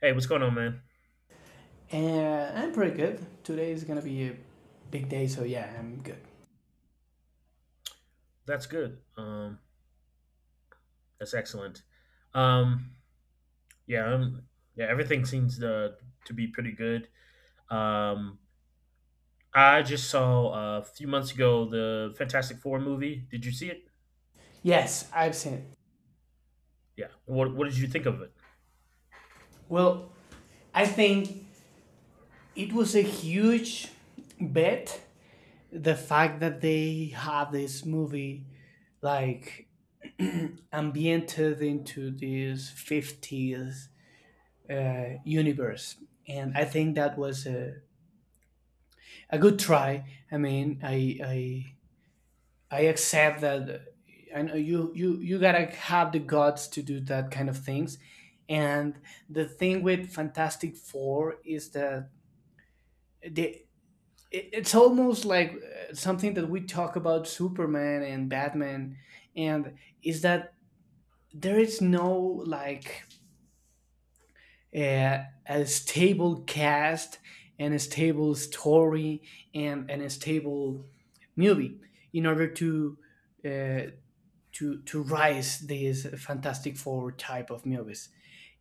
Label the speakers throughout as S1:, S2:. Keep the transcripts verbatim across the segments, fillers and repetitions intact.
S1: Hey, what's going on, man?
S2: And I'm pretty good. Today is gonna be a big day, so yeah, I'm good.
S1: That's good. Um, that's excellent. Um, yeah, um, yeah, everything seems to to be pretty good. Um, I just saw uh, a few months ago the Fantastic Four movie. Did you see it?
S2: Yes, I've seen it.
S1: Yeah. What What did you think of it?
S2: Well, I think it was a huge bet the fact that they have this movie like ambiented into this fifties uh, universe. And i think that was a, a good try. I mean i i i accept that. I know you you you gotta have the guts to do that kind of things. And the thing with Fantastic Four is that they it- it's almost like uh, something that we talk about Superman and Batman, and is that there is no like a, a stable cast and a stable story and, and a stable movie in order to uh, to to rise these Fantastic Four type of movies.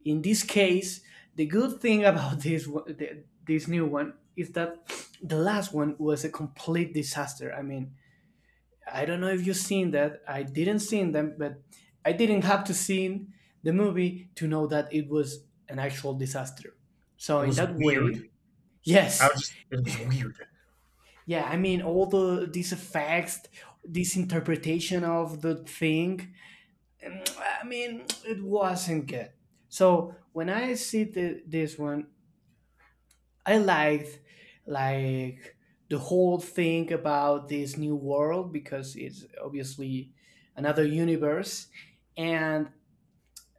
S2: In this case, the good thing about this one- the- this new one is that the last one was a complete disaster. I mean, I don't know if you've seen that. I didn't see them, but I didn't have to see the movie to know that it was an actual disaster. So
S1: It
S2: in
S1: was
S2: that
S1: weird.
S2: way,
S1: I
S2: yes,
S1: was just. It was weird.
S2: yeah. I mean, all the these effects, this interpretation of the thing, um, I mean, it wasn't good. So when I see the, this one, I liked like the whole thing about this new world because it's obviously another universe, and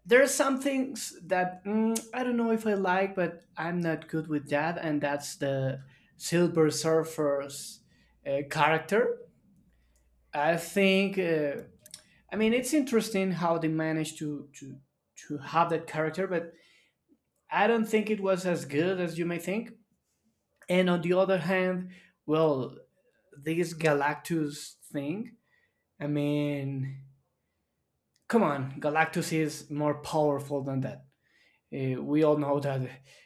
S2: there are some things that mm, I don't know if I like, but I'm not good with that, and that's the Silver Surfer's uh, character, I think. Uh, I mean, it's interesting how they managed to to to have that character, but I don't think it was as good as you may think. And on the other hand, well, this Galactus thing. I mean, come on, Galactus is more powerful than that. Uh, we all know that uh,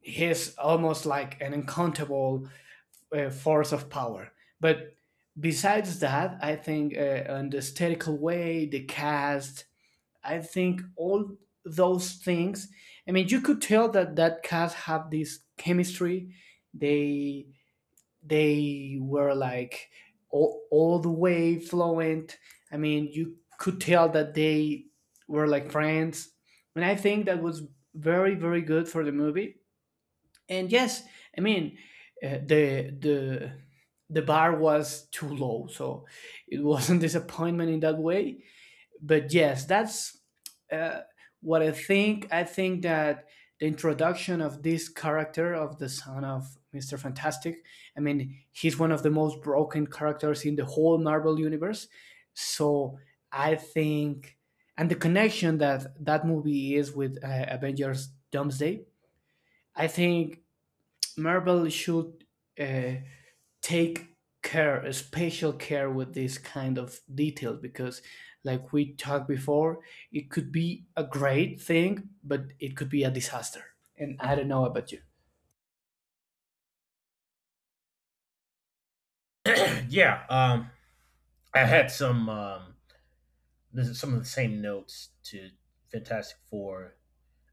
S2: he's almost like an uncountable uh, force of power. But besides that, I think uh, on the aesthetical way, the cast, I think all those things. I mean, you could tell that that cast had this chemistry. They they were like all, all the way fluent. I mean, you could tell that they were like friends, and I think that was very very good for the movie. And yes, I mean, uh, the the the bar was too low, so it was a disappointment in that way, but yes, that's uh, what I think. I think that the introduction of this character of the son of Mister Fantastic, I mean, he's one of the most broken characters in the whole Marvel universe. So I think, and the connection that that movie is with uh, Avengers Doomsday, I think Marvel should uh, take care, uh, special care, with this kind of detail because like we talked before, it could be a great thing but it could be a disaster, and i don't know about you.
S1: Yeah. Um, I had some um, this is some of the same notes to Fantastic Four.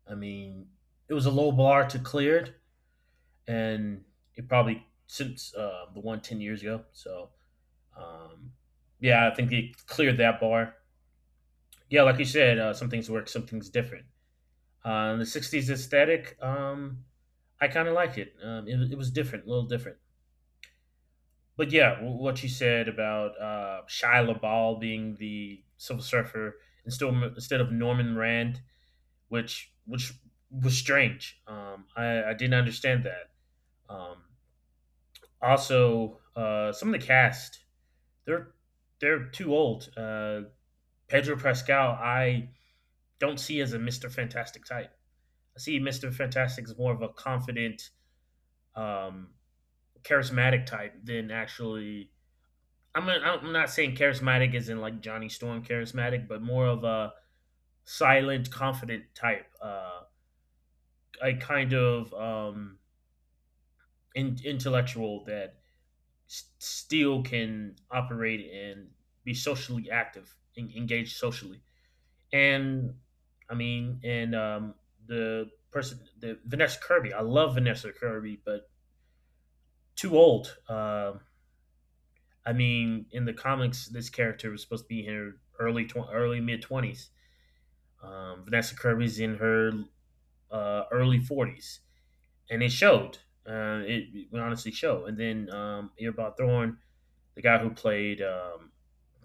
S1: I mean, it was a low bar to cleared and it probably since uh, the one ten years ago. So, um, yeah, I think they cleared that bar. Yeah, like you said, uh, some things work, some things different. Uh, the sixties aesthetic, um, I kind of liked it. Um, it. It was different, a little different. But yeah, w- what you said about uh, Shia LaBeouf being the Silver Surfer instead of, instead of Norman Rand, which which was strange. Um, I, I didn't understand that. Um, also, uh, some of the cast they're they're too old. Uh, Pedro Pascal, I don't see as a Mister Fantastic type. I see Mister Fantastic as more of a confident, um, charismatic type than actually. I'm I'm not saying charismatic as in like Johnny Storm charismatic, but more of a silent, confident type. Uh, a kind of um, in, intellectual that s- still can operate and be socially active, en- engage socially. And I mean, and um, The person, the Vanessa Kirby. I love Vanessa Kirby, but too old. Um, I mean, in the comics, this character was supposed to be in her early tw- early mid twenties. Um, Vanessa Kirby's in her uh, early forties, and it showed. Uh, it, it honestly showed. And then um, Earbot Thorn the guy who played um,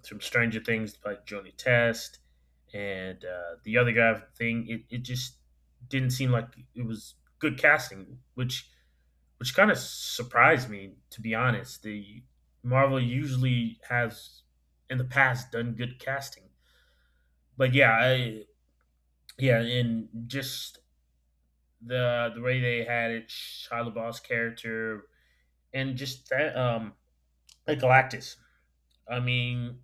S1: from Stranger Things played Joni Test, and uh, the other guy thing. It, it just didn't seem like it was good casting, which which kind of surprised me to be honest. The Marvel usually has in the past done good casting, but yeah, I, yeah, and just the the way they had it, Shia LaBeouf's character, and just that um, like Galactus. I mean,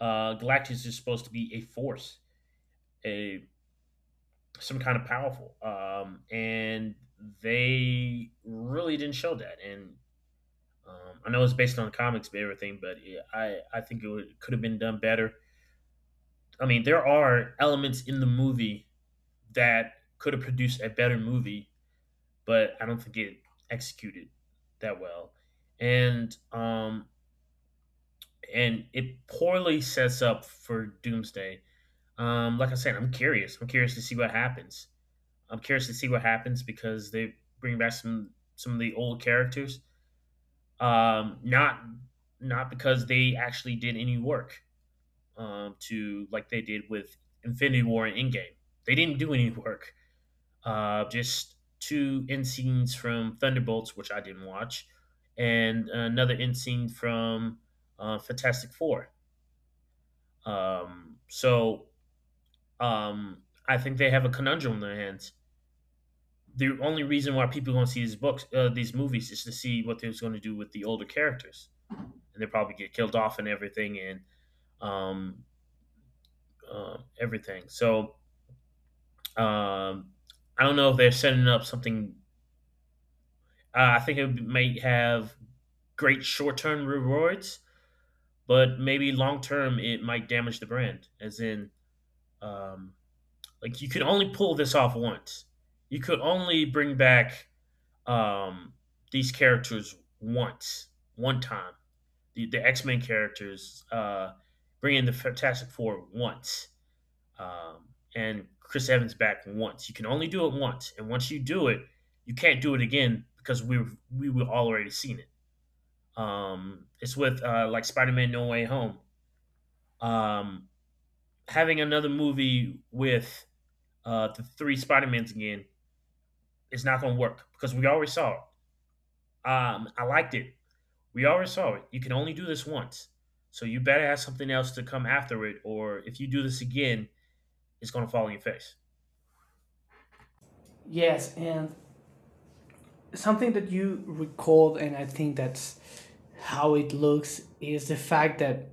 S1: uh, Galactus is supposed to be a force, a some kind of powerful, um, and they really didn't show that. And um, I know it's based on the comics and everything, but yeah, I I think it would, could have been done better. I mean, there are elements in the movie that could have produced a better movie, but I don't think it executed that well, and um, and it poorly sets up for Doomsday. Um, like I said, I'm curious. I'm curious to see what happens. I'm curious to see what happens because they bring back some some of the old characters. Um, not not because they actually did any work um, to like they did with Infinity War and Endgame. They didn't do any work. Uh, just two end scenes from Thunderbolts, which I didn't watch, and another end scene from uh, Fantastic Four. Um, so um, I think they have a conundrum in their hands the only reason why people are going to see these books, uh, these movies, is to see what they're going to do with the older characters, and they probably get killed off and everything, and um, uh, everything. So um, I don't know if they're setting up something. Uh, I think it might have great short-term rewards, but maybe long-term it might damage the brand. As in, um, like you could only pull this off once. You could only bring back um, these characters once, one time the, the X Men characters, uh, bring in the Fantastic Four once, um, and Chris Evans back once. You can only do it once, and once you do it, you can't do it again because we we were already seen it. Um, it's with uh, like Spider Man No Way Home. Um, having another movie with uh, the three Spider Mans again is not going to work because we already saw it. Um, I liked it. We already saw it. You can only do this once. So you better have something else to come after it, or if you do this again, it's gonna fall in your face.
S2: Yes, and something that you recalled and i think that's how it looks is the fact that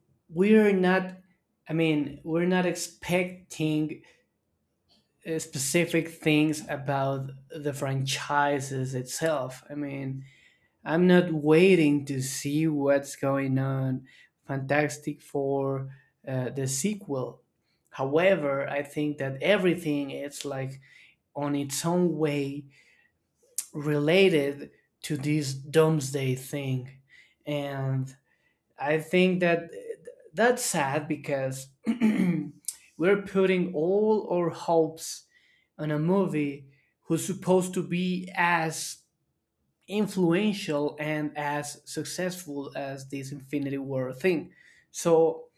S2: we're not, I mean, we're not expecting uh, specific things about the franchises itself. I mean, I'm not waiting to see what's going on Fantastic Four, uh, the sequel. However, I think that everything is like on its own way related to this Doomsday thing. And I think that that's sad because we're putting all our hopes on a movie who's supposed to be as influential and as successful as this Infinity War thing. So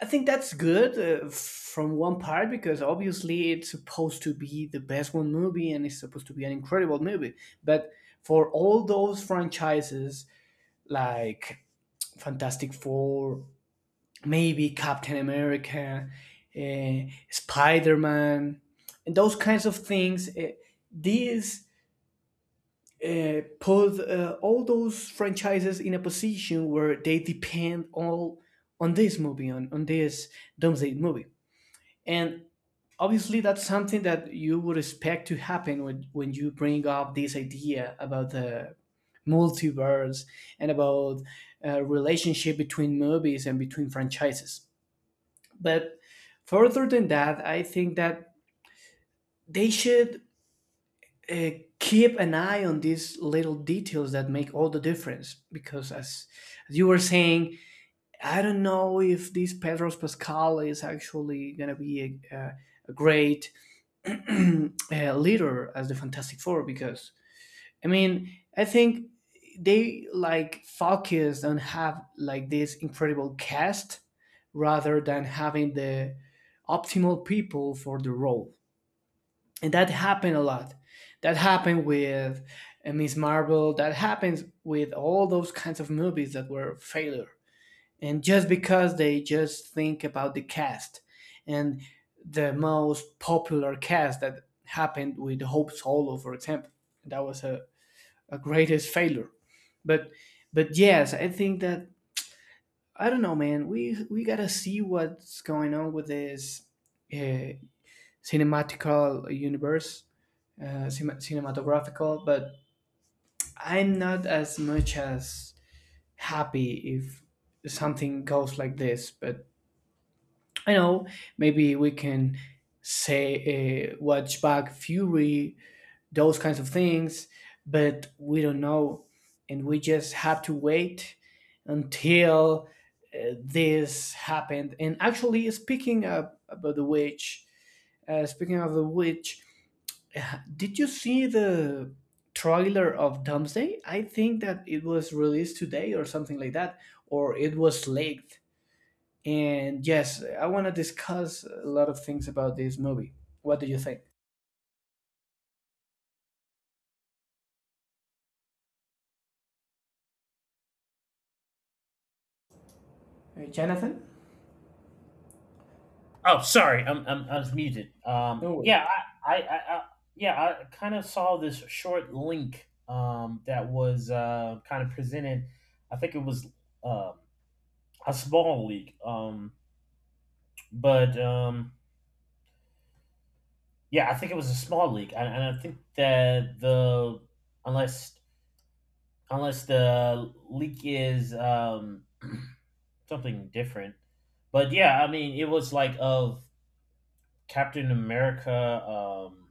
S2: I think that's good uh, from one part because obviously it's supposed to be the best one movie and it's supposed to be an incredible movie. But for all those franchises like Fantastic Four, maybe Captain America, uh, Spider Man, and those kinds of things, uh, these uh, put, uh, all those franchises in a position where they depend all on this movie, on, on this Doomsday movie. And obviously, that's something that you would expect to happen when, when you bring up this idea about the multiverse and about uh, relationship between movies and between franchises. But further than that, I think that they should uh, keep an eye on these little details that make all the difference because as, as you were saying, i don't know if this Pedro Pascal is actually going to be a, a, a great uh, leader as the Fantastic Four because i mean i think they like focused on have like this incredible cast rather than having the optimal people for the role, and that happened a lot. That happened with uh, Miss Marvel. That happens with all those kinds of movies that were failure, and just because they just think about the cast and the most popular cast. That happened with Hope Solo, for example. That was a, a greatest failure, but but yes, i think that i don't know, man, we we gotta see what's going on with this uh, cinematical universe, uh, cin- cinematographical, but I'm not as much as happy if something goes like this. But I know maybe we can say, uh, watch back Fury, those kinds of things, but we don't know, and we just have to wait until uh, this happened. And actually, speaking of, about the witch, uh, speaking of the witch, did you see the trailer of Doomsday? I think that it was released today or something like that, or it was leaked. And yes, I want to discuss a lot of things about this movie. What do you think? Uh, Jonathan?
S1: Oh, sorry, I'm, I'm I was muted. Um,
S2: No worries.
S1: yeah, I, I, I, I yeah, I kind of saw this short link um that was uh kind of presented. I think it was uh, a small leak. Um, but um, yeah, I think it was a small leak. and, and, I think that the unless unless the leak is um, something different. But yeah, I mean, it was like of Captain America. Um,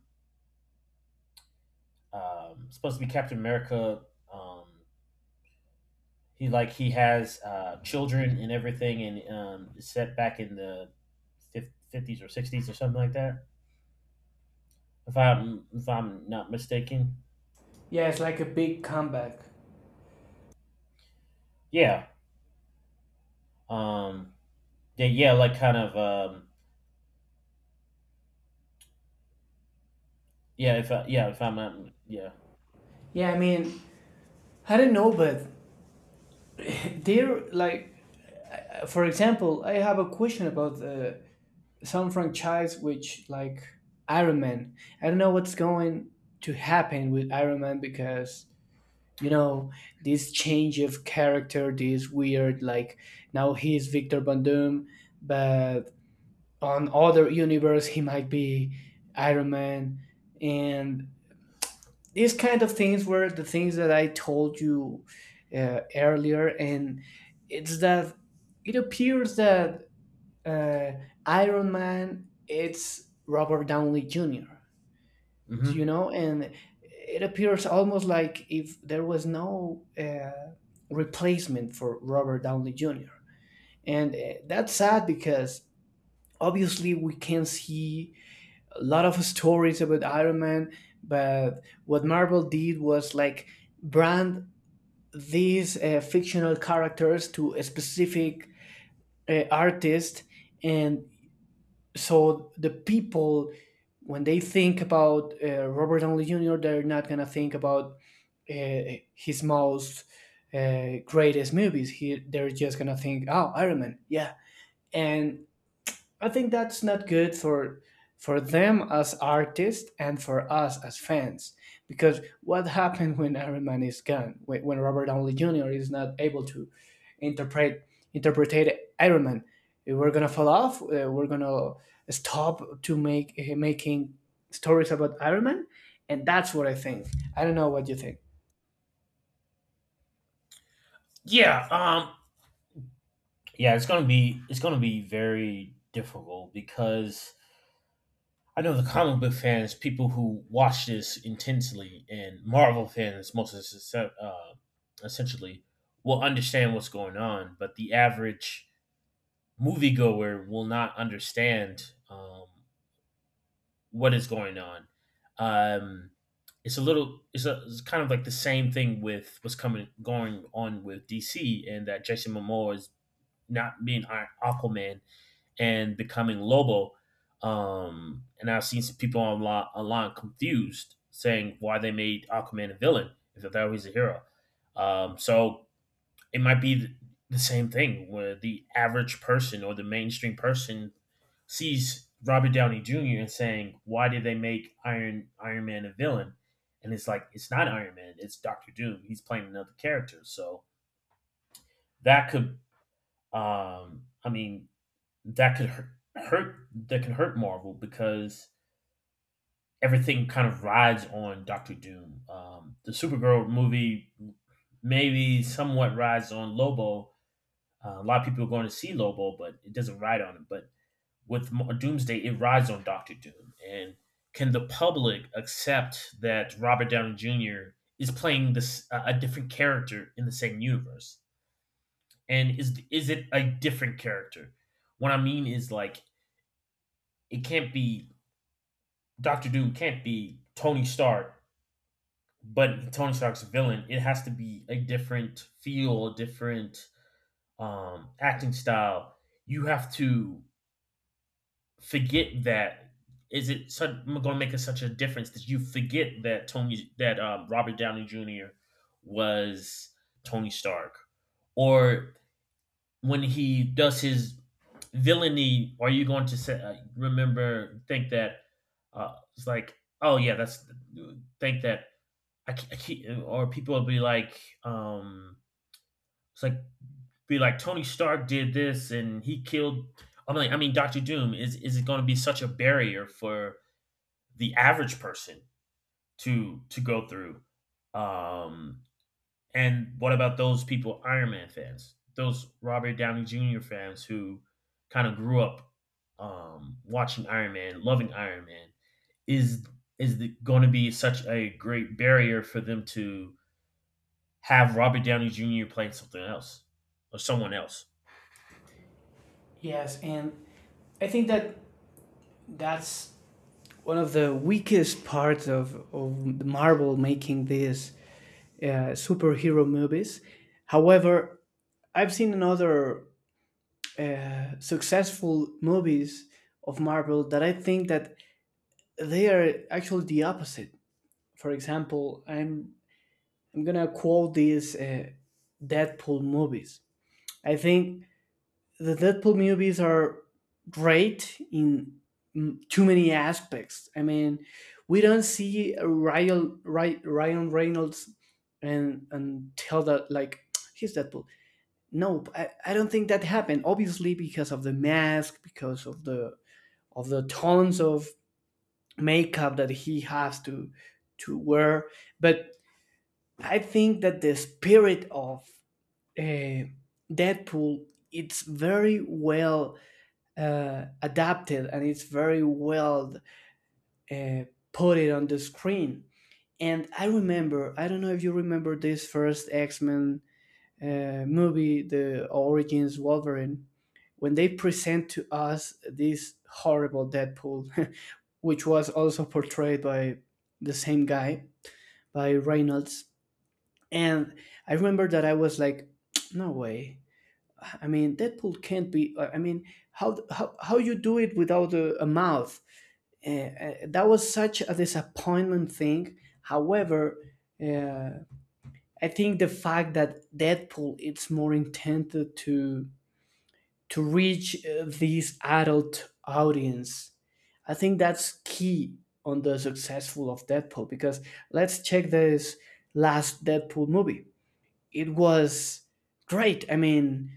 S1: um, supposed to be Captain America. Um, he like he has uh, children and everything, and um, it's set back in the fifties or sixties or something like that. If I'm if I'm not mistaken,
S2: Yeah, it's like a big comeback.
S1: yeah. Um, yeah, yeah, like kind of. Um, yeah, if I, yeah, if I'm not, yeah.
S2: Yeah, I mean, I don't know, but they're like, uh, for example, I have a question about uh, some franchise which, like, Iron Man. I don't know what's going to happen with Iron Man because, you know, this change of character, this weird, like, now he's Victor Van Doom, but on other universe he might be Iron Man. And these kind of things were the things that i told you uh, earlier. And it's that it appears that uh, Iron Man, it's Robert Downey Jr. So,
S1: Hmm.
S2: you know, and it appears almost like if there was no uh, replacement for Robert Downey Jr. And uh, that's sad because obviously we can see a lot of stories about Iron Man, but what Marvel did was like brand these uh, fictional characters to a specific uh, artist. And so the people, when they think about uh, Robert Downey Jr., they're not gonna think about uh, his most uh, greatest movies. He, they're just gonna think, oh, Iron Man, yeah. And I think that's not good for for them as artists and for us as fans. Because what happened when Iron Man is gone? When, when Robert Downey Junior is not able to interpret interpret Iron Man, we're gonna fall off. Uh, we're gonna stop to make uh, making stories about Iron Man, and that's what I think. I don't know what you think.
S1: Yeah. Um, yeah, it's gonna be it's gonna be very difficult because I know the comic book fans, people who watch this intensely, and Marvel fans, most of this, uh, essentially, will understand what's going on, but the average moviegoer will not understand um, what is going on. Um, it's a little, it's, a, it's kind of like the same thing with what's coming going on with D C, and that Jason Momoa is not being Aquaman and becoming Lobo. Um, and I've seen some people online, online confused saying why they made Aquaman a villain if they thought he was a hero. Um, so it might be the, the same thing where the average person or the mainstream person sees Robert Downey Junior and saying, "Why did they make Iron Iron Man a villain?" And it's like it's not Iron Man; it's Doctor Doom. He's playing another character, so that could. Um, I mean, that could hurt, hurt that could hurt Marvel because everything kind of rides on Doctor Doom. Um, the Supergirl movie maybe somewhat rides on Lobo. Uh, a lot of people are going to see Lobo, but it doesn't ride on him. But with Doomsday, it rides on Doctor Doom. And can the public accept that Robert Downey Junior is playing this a a different character in the same universe? And is is it a different character? What I mean is like it can't be Doctor Doom can't be Tony Stark, but Tony Stark's villain. It has to be a different feel, a different um, acting style. You have to forget that. Is it such, going to make a, such a difference that you forget that Tony that um, Robert Downey Junior was Tony Stark, or when he does his villainy, are you going to say, uh, remember think that uh, it's like oh yeah that's think that I, ke- I keep, or people will be like, um, it's like be like Tony Stark did this and he killed. I am like, I mean, Doctor Doom is is it going to be such a barrier for the average person to to go through? Um, and what about those people, Iron Man fans, those Robert Downey Junior fans who kind of grew up um, watching Iron Man, loving Iron Man? Is is going to be such a great barrier for them to have Robert Downey Junior playing something else or someone else.
S2: Yes, and I think that that's one of the weakest parts of, of Marvel making these uh, superhero movies. However, I've seen another uh, successful movies of Marvel that I think that they are actually the opposite. For example, I'm I'm gonna quote these uh, Deadpool movies. I think the Deadpool movies are great in, mm, too many aspects. I mean, we don't see a Ryan, Ry- Ryan Reynolds and and tell that like he's Deadpool. No, I, I don't think that happened. Obviously, because of the mask, because of the of the tons of makeup that he has to to wear. But I think that the spirit of uh, Deadpool it's very well uh, adapted, and it's very well uh, put it on the screen. And I remember, I don't know if you remember this first X Men uh, movie, the Origins Wolverine, when they present to us this horrible Deadpool, which was also portrayed by the same guy, by Reynolds. And I remember that I was like, no way. I mean, Deadpool can't be. uh, I mean, how how how you do it without a, a mouth? Uh, uh, that was such a disappointment thing. However, uh, I think the fact that Deadpool it's more intended to to reach uh, this adult audience, I think that's key on the successful of Deadpool. Because let's check this last Deadpool movie. It was great. I mean,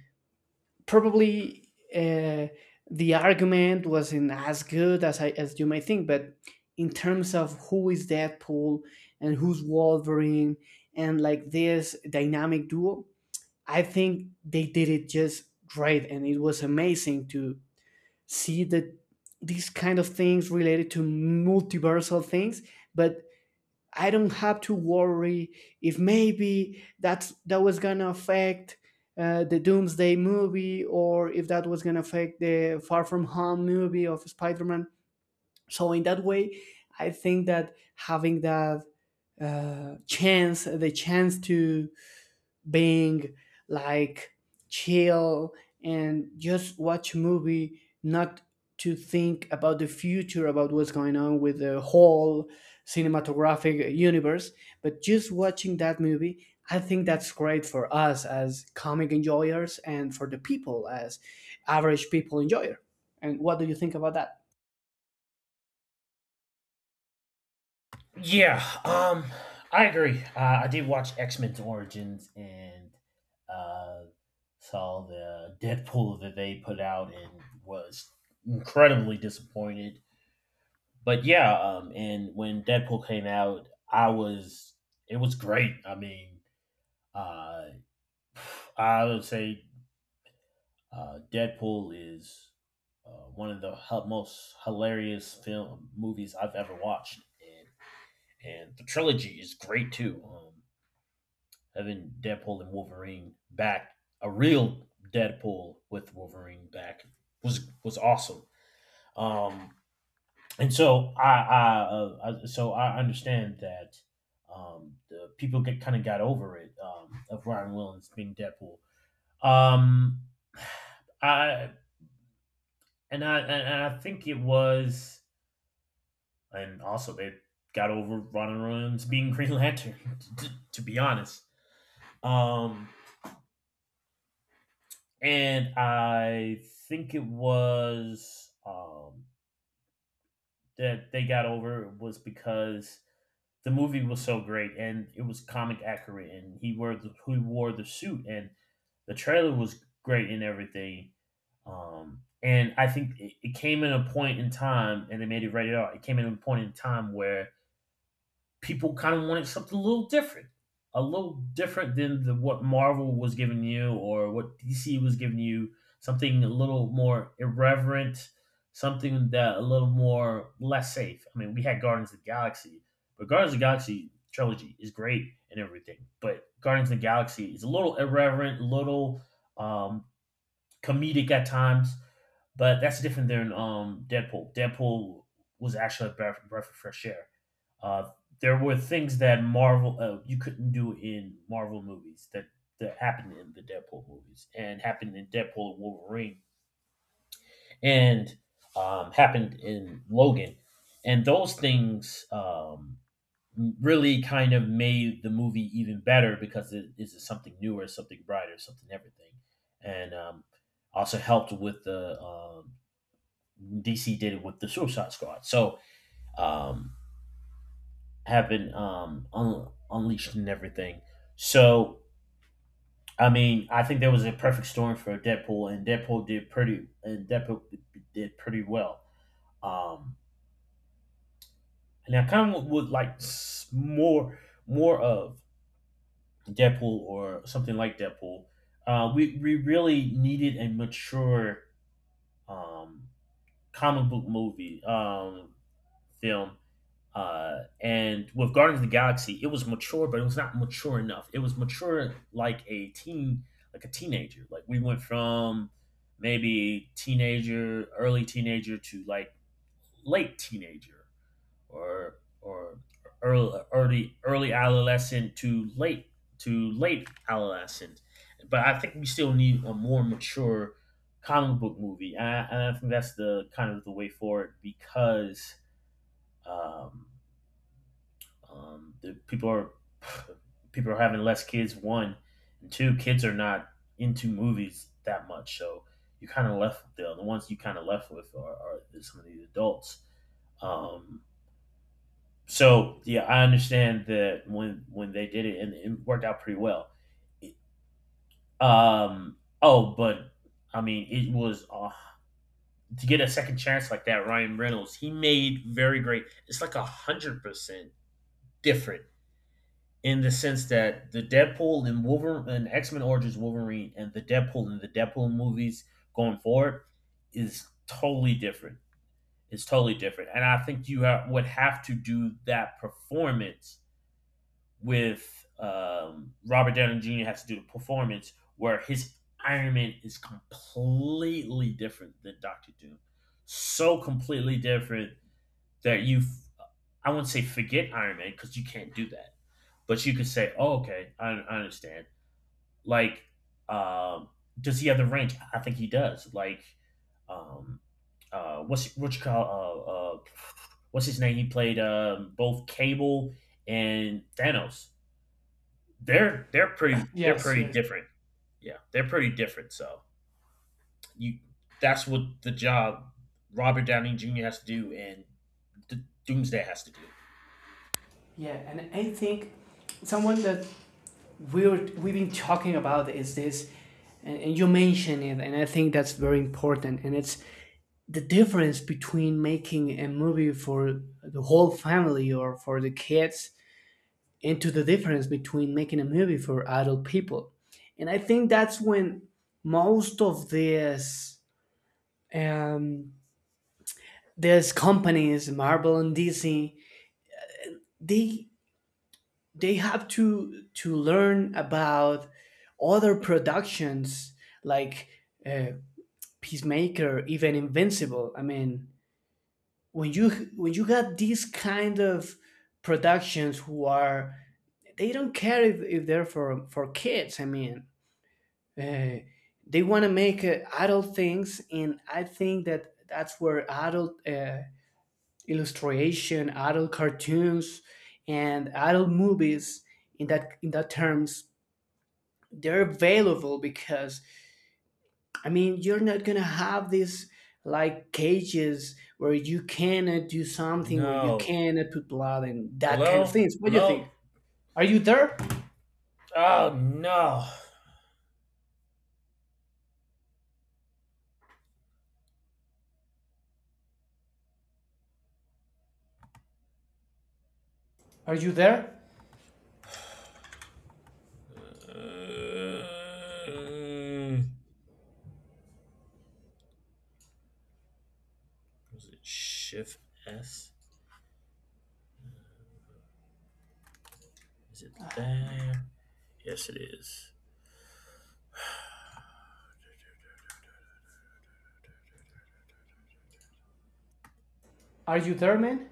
S2: probably uh, the argument wasn't as good as I as you might think, but in terms of who is Deadpool and who's Wolverine and like this dynamic duo, I think they did it just great, and it was amazing to see that these kind of things related to multiversal things. But I don't have to worry if maybe that's that was gonna affect uh, the Doomsday movie or if that was gonna affect the Far From Home movie of Spider-Man. So in that way, I think that having that uh, chance, the chance to being like chill and just watch a movie, not to think about the future, about what's going on with the whole cinematographic universe, but just watching that movie. I think that's great for us as comic enjoyers and for the people as average people enjoyer. And what do you think about that?
S1: Yeah, um, I agree. Uh, I did watch X Men Origins and uh, saw the Deadpool that they put out and was incredibly disappointed. But yeah, um, and when Deadpool came out, I was it was great. I mean, uh, I would say Uh, Deadpool is uh, one of the hu- most hilarious film movies I've ever watched, and and the trilogy is great too. Um, having Deadpool and Wolverine back, a real Deadpool with Wolverine back was was awesome. Um, and so I, I, uh, I so I understand that um, the people get kind of got over it um, of Ryan Williams being Deadpool. Um, I And I and I think it was, and also they got over Ron Williams being Green Lantern. To, to be honest, um, and I think it was um that they got over it was because the movie was so great and it was comic accurate and he wore the, he wore the suit and the trailer was great and everything. Um, and I think it, it came in a point in time, and they made it rated R. It came in a point in time where people kind of wanted something a little different, a little different than the, what Marvel was giving you or what D C was giving you. Something a little more irreverent, something that a little more less safe. I mean, we had Guardians of the Galaxy, but Guardians of the Galaxy trilogy is great and everything, but Guardians of the Galaxy is a little irreverent, a little um, comedic at times. But that's different than um, Deadpool. Deadpool was actually a breath, breath of fresh air uh, there were things that Marvel uh, you couldn't do in Marvel movies that that happened in the Deadpool movies and happened in Deadpool and Wolverine and um, happened in Logan, and those things um, really kind of made the movie even better because it is something newer, something brighter, something everything, and um, also helped with the um, D C did it with the Suicide Squad. So um, having um un- unleashed and everything. So I mean, I think there was a perfect storm for Deadpool, and Deadpool did pretty and Deadpool did pretty well. Um, and I kind of would like s- more more of Deadpool or something like Deadpool. Uh, we we really needed a mature um comic book movie um film. Uh, and with Guardians of the Galaxy, it was mature, but it was not mature enough. It was mature like a teen, like a teenager. Like we went from maybe teenager, early teenager to like late teenager, or or early early early adolescent to late to late adolescent. But I think we still need a more mature comic book movie, and I, and I think that's the kind of the way forward because. Um, um, the people are people are having less kids. One and two, kids are not into movies that much, so you kind of left the the ones you kind of left with are, are some of these adults. Um, so yeah, I understand that when when they did it and it worked out pretty well. Um, oh, but I mean, it was uh, to get a second chance like that. Ryan Reynolds, he made very great. It's like a hundred percent different in the sense that the Deadpool and Wolverine and X Men Origins Wolverine and the Deadpool and the Deadpool movies going forward is totally different. It's totally different, and I think you ha- would have to do that performance with um, Robert Downey Junior has to do the performance where his Iron Man is completely different than Doctor Doom, so completely different that you, I I wouldn't say forget Iron Man because you can't do that but you could say, "Oh, okay, I, I understand." Like, um, does he have the range? I think he does. Like, um, uh, what's what you call uh, uh, what's his name? He played um, both Cable and Thanos. They're they're pretty they're
S2: Yes,
S1: pretty
S2: yes.
S1: different. Yeah, they're pretty different. So you that's what the job Robert Downey Junior has to do and D- Doomsday has to do.
S2: Yeah, and I think someone that we were, we've been talking about is this, and, and you mentioned it, and I think that's very important. And it's the difference between making a movie for the whole family or for the kids, into the difference between making a movie for adult people. And I think that's when most of these um, these companies, Marvel and D C, they they have to to learn about other productions like uh, Peacemaker, even Invincible. I mean, when you when you got these kind of productions who are, they don't care if, if they're for for kids. I mean, uh, they want to make uh, adult things, and I think that that's where adult uh, illustration, adult cartoons, and adult movies in that in that terms they're available because I mean you're not gonna have these like cages where you cannot do something, where you
S1: No,
S2: cannot put blood and that kind of
S1: hello,
S2: things. What do you
S1: hello.
S2: think? Are you there?
S1: Oh no.
S2: Are you there?
S1: Uh, was it Shift S? Is it there? Yes, it is.
S2: Are you there, man?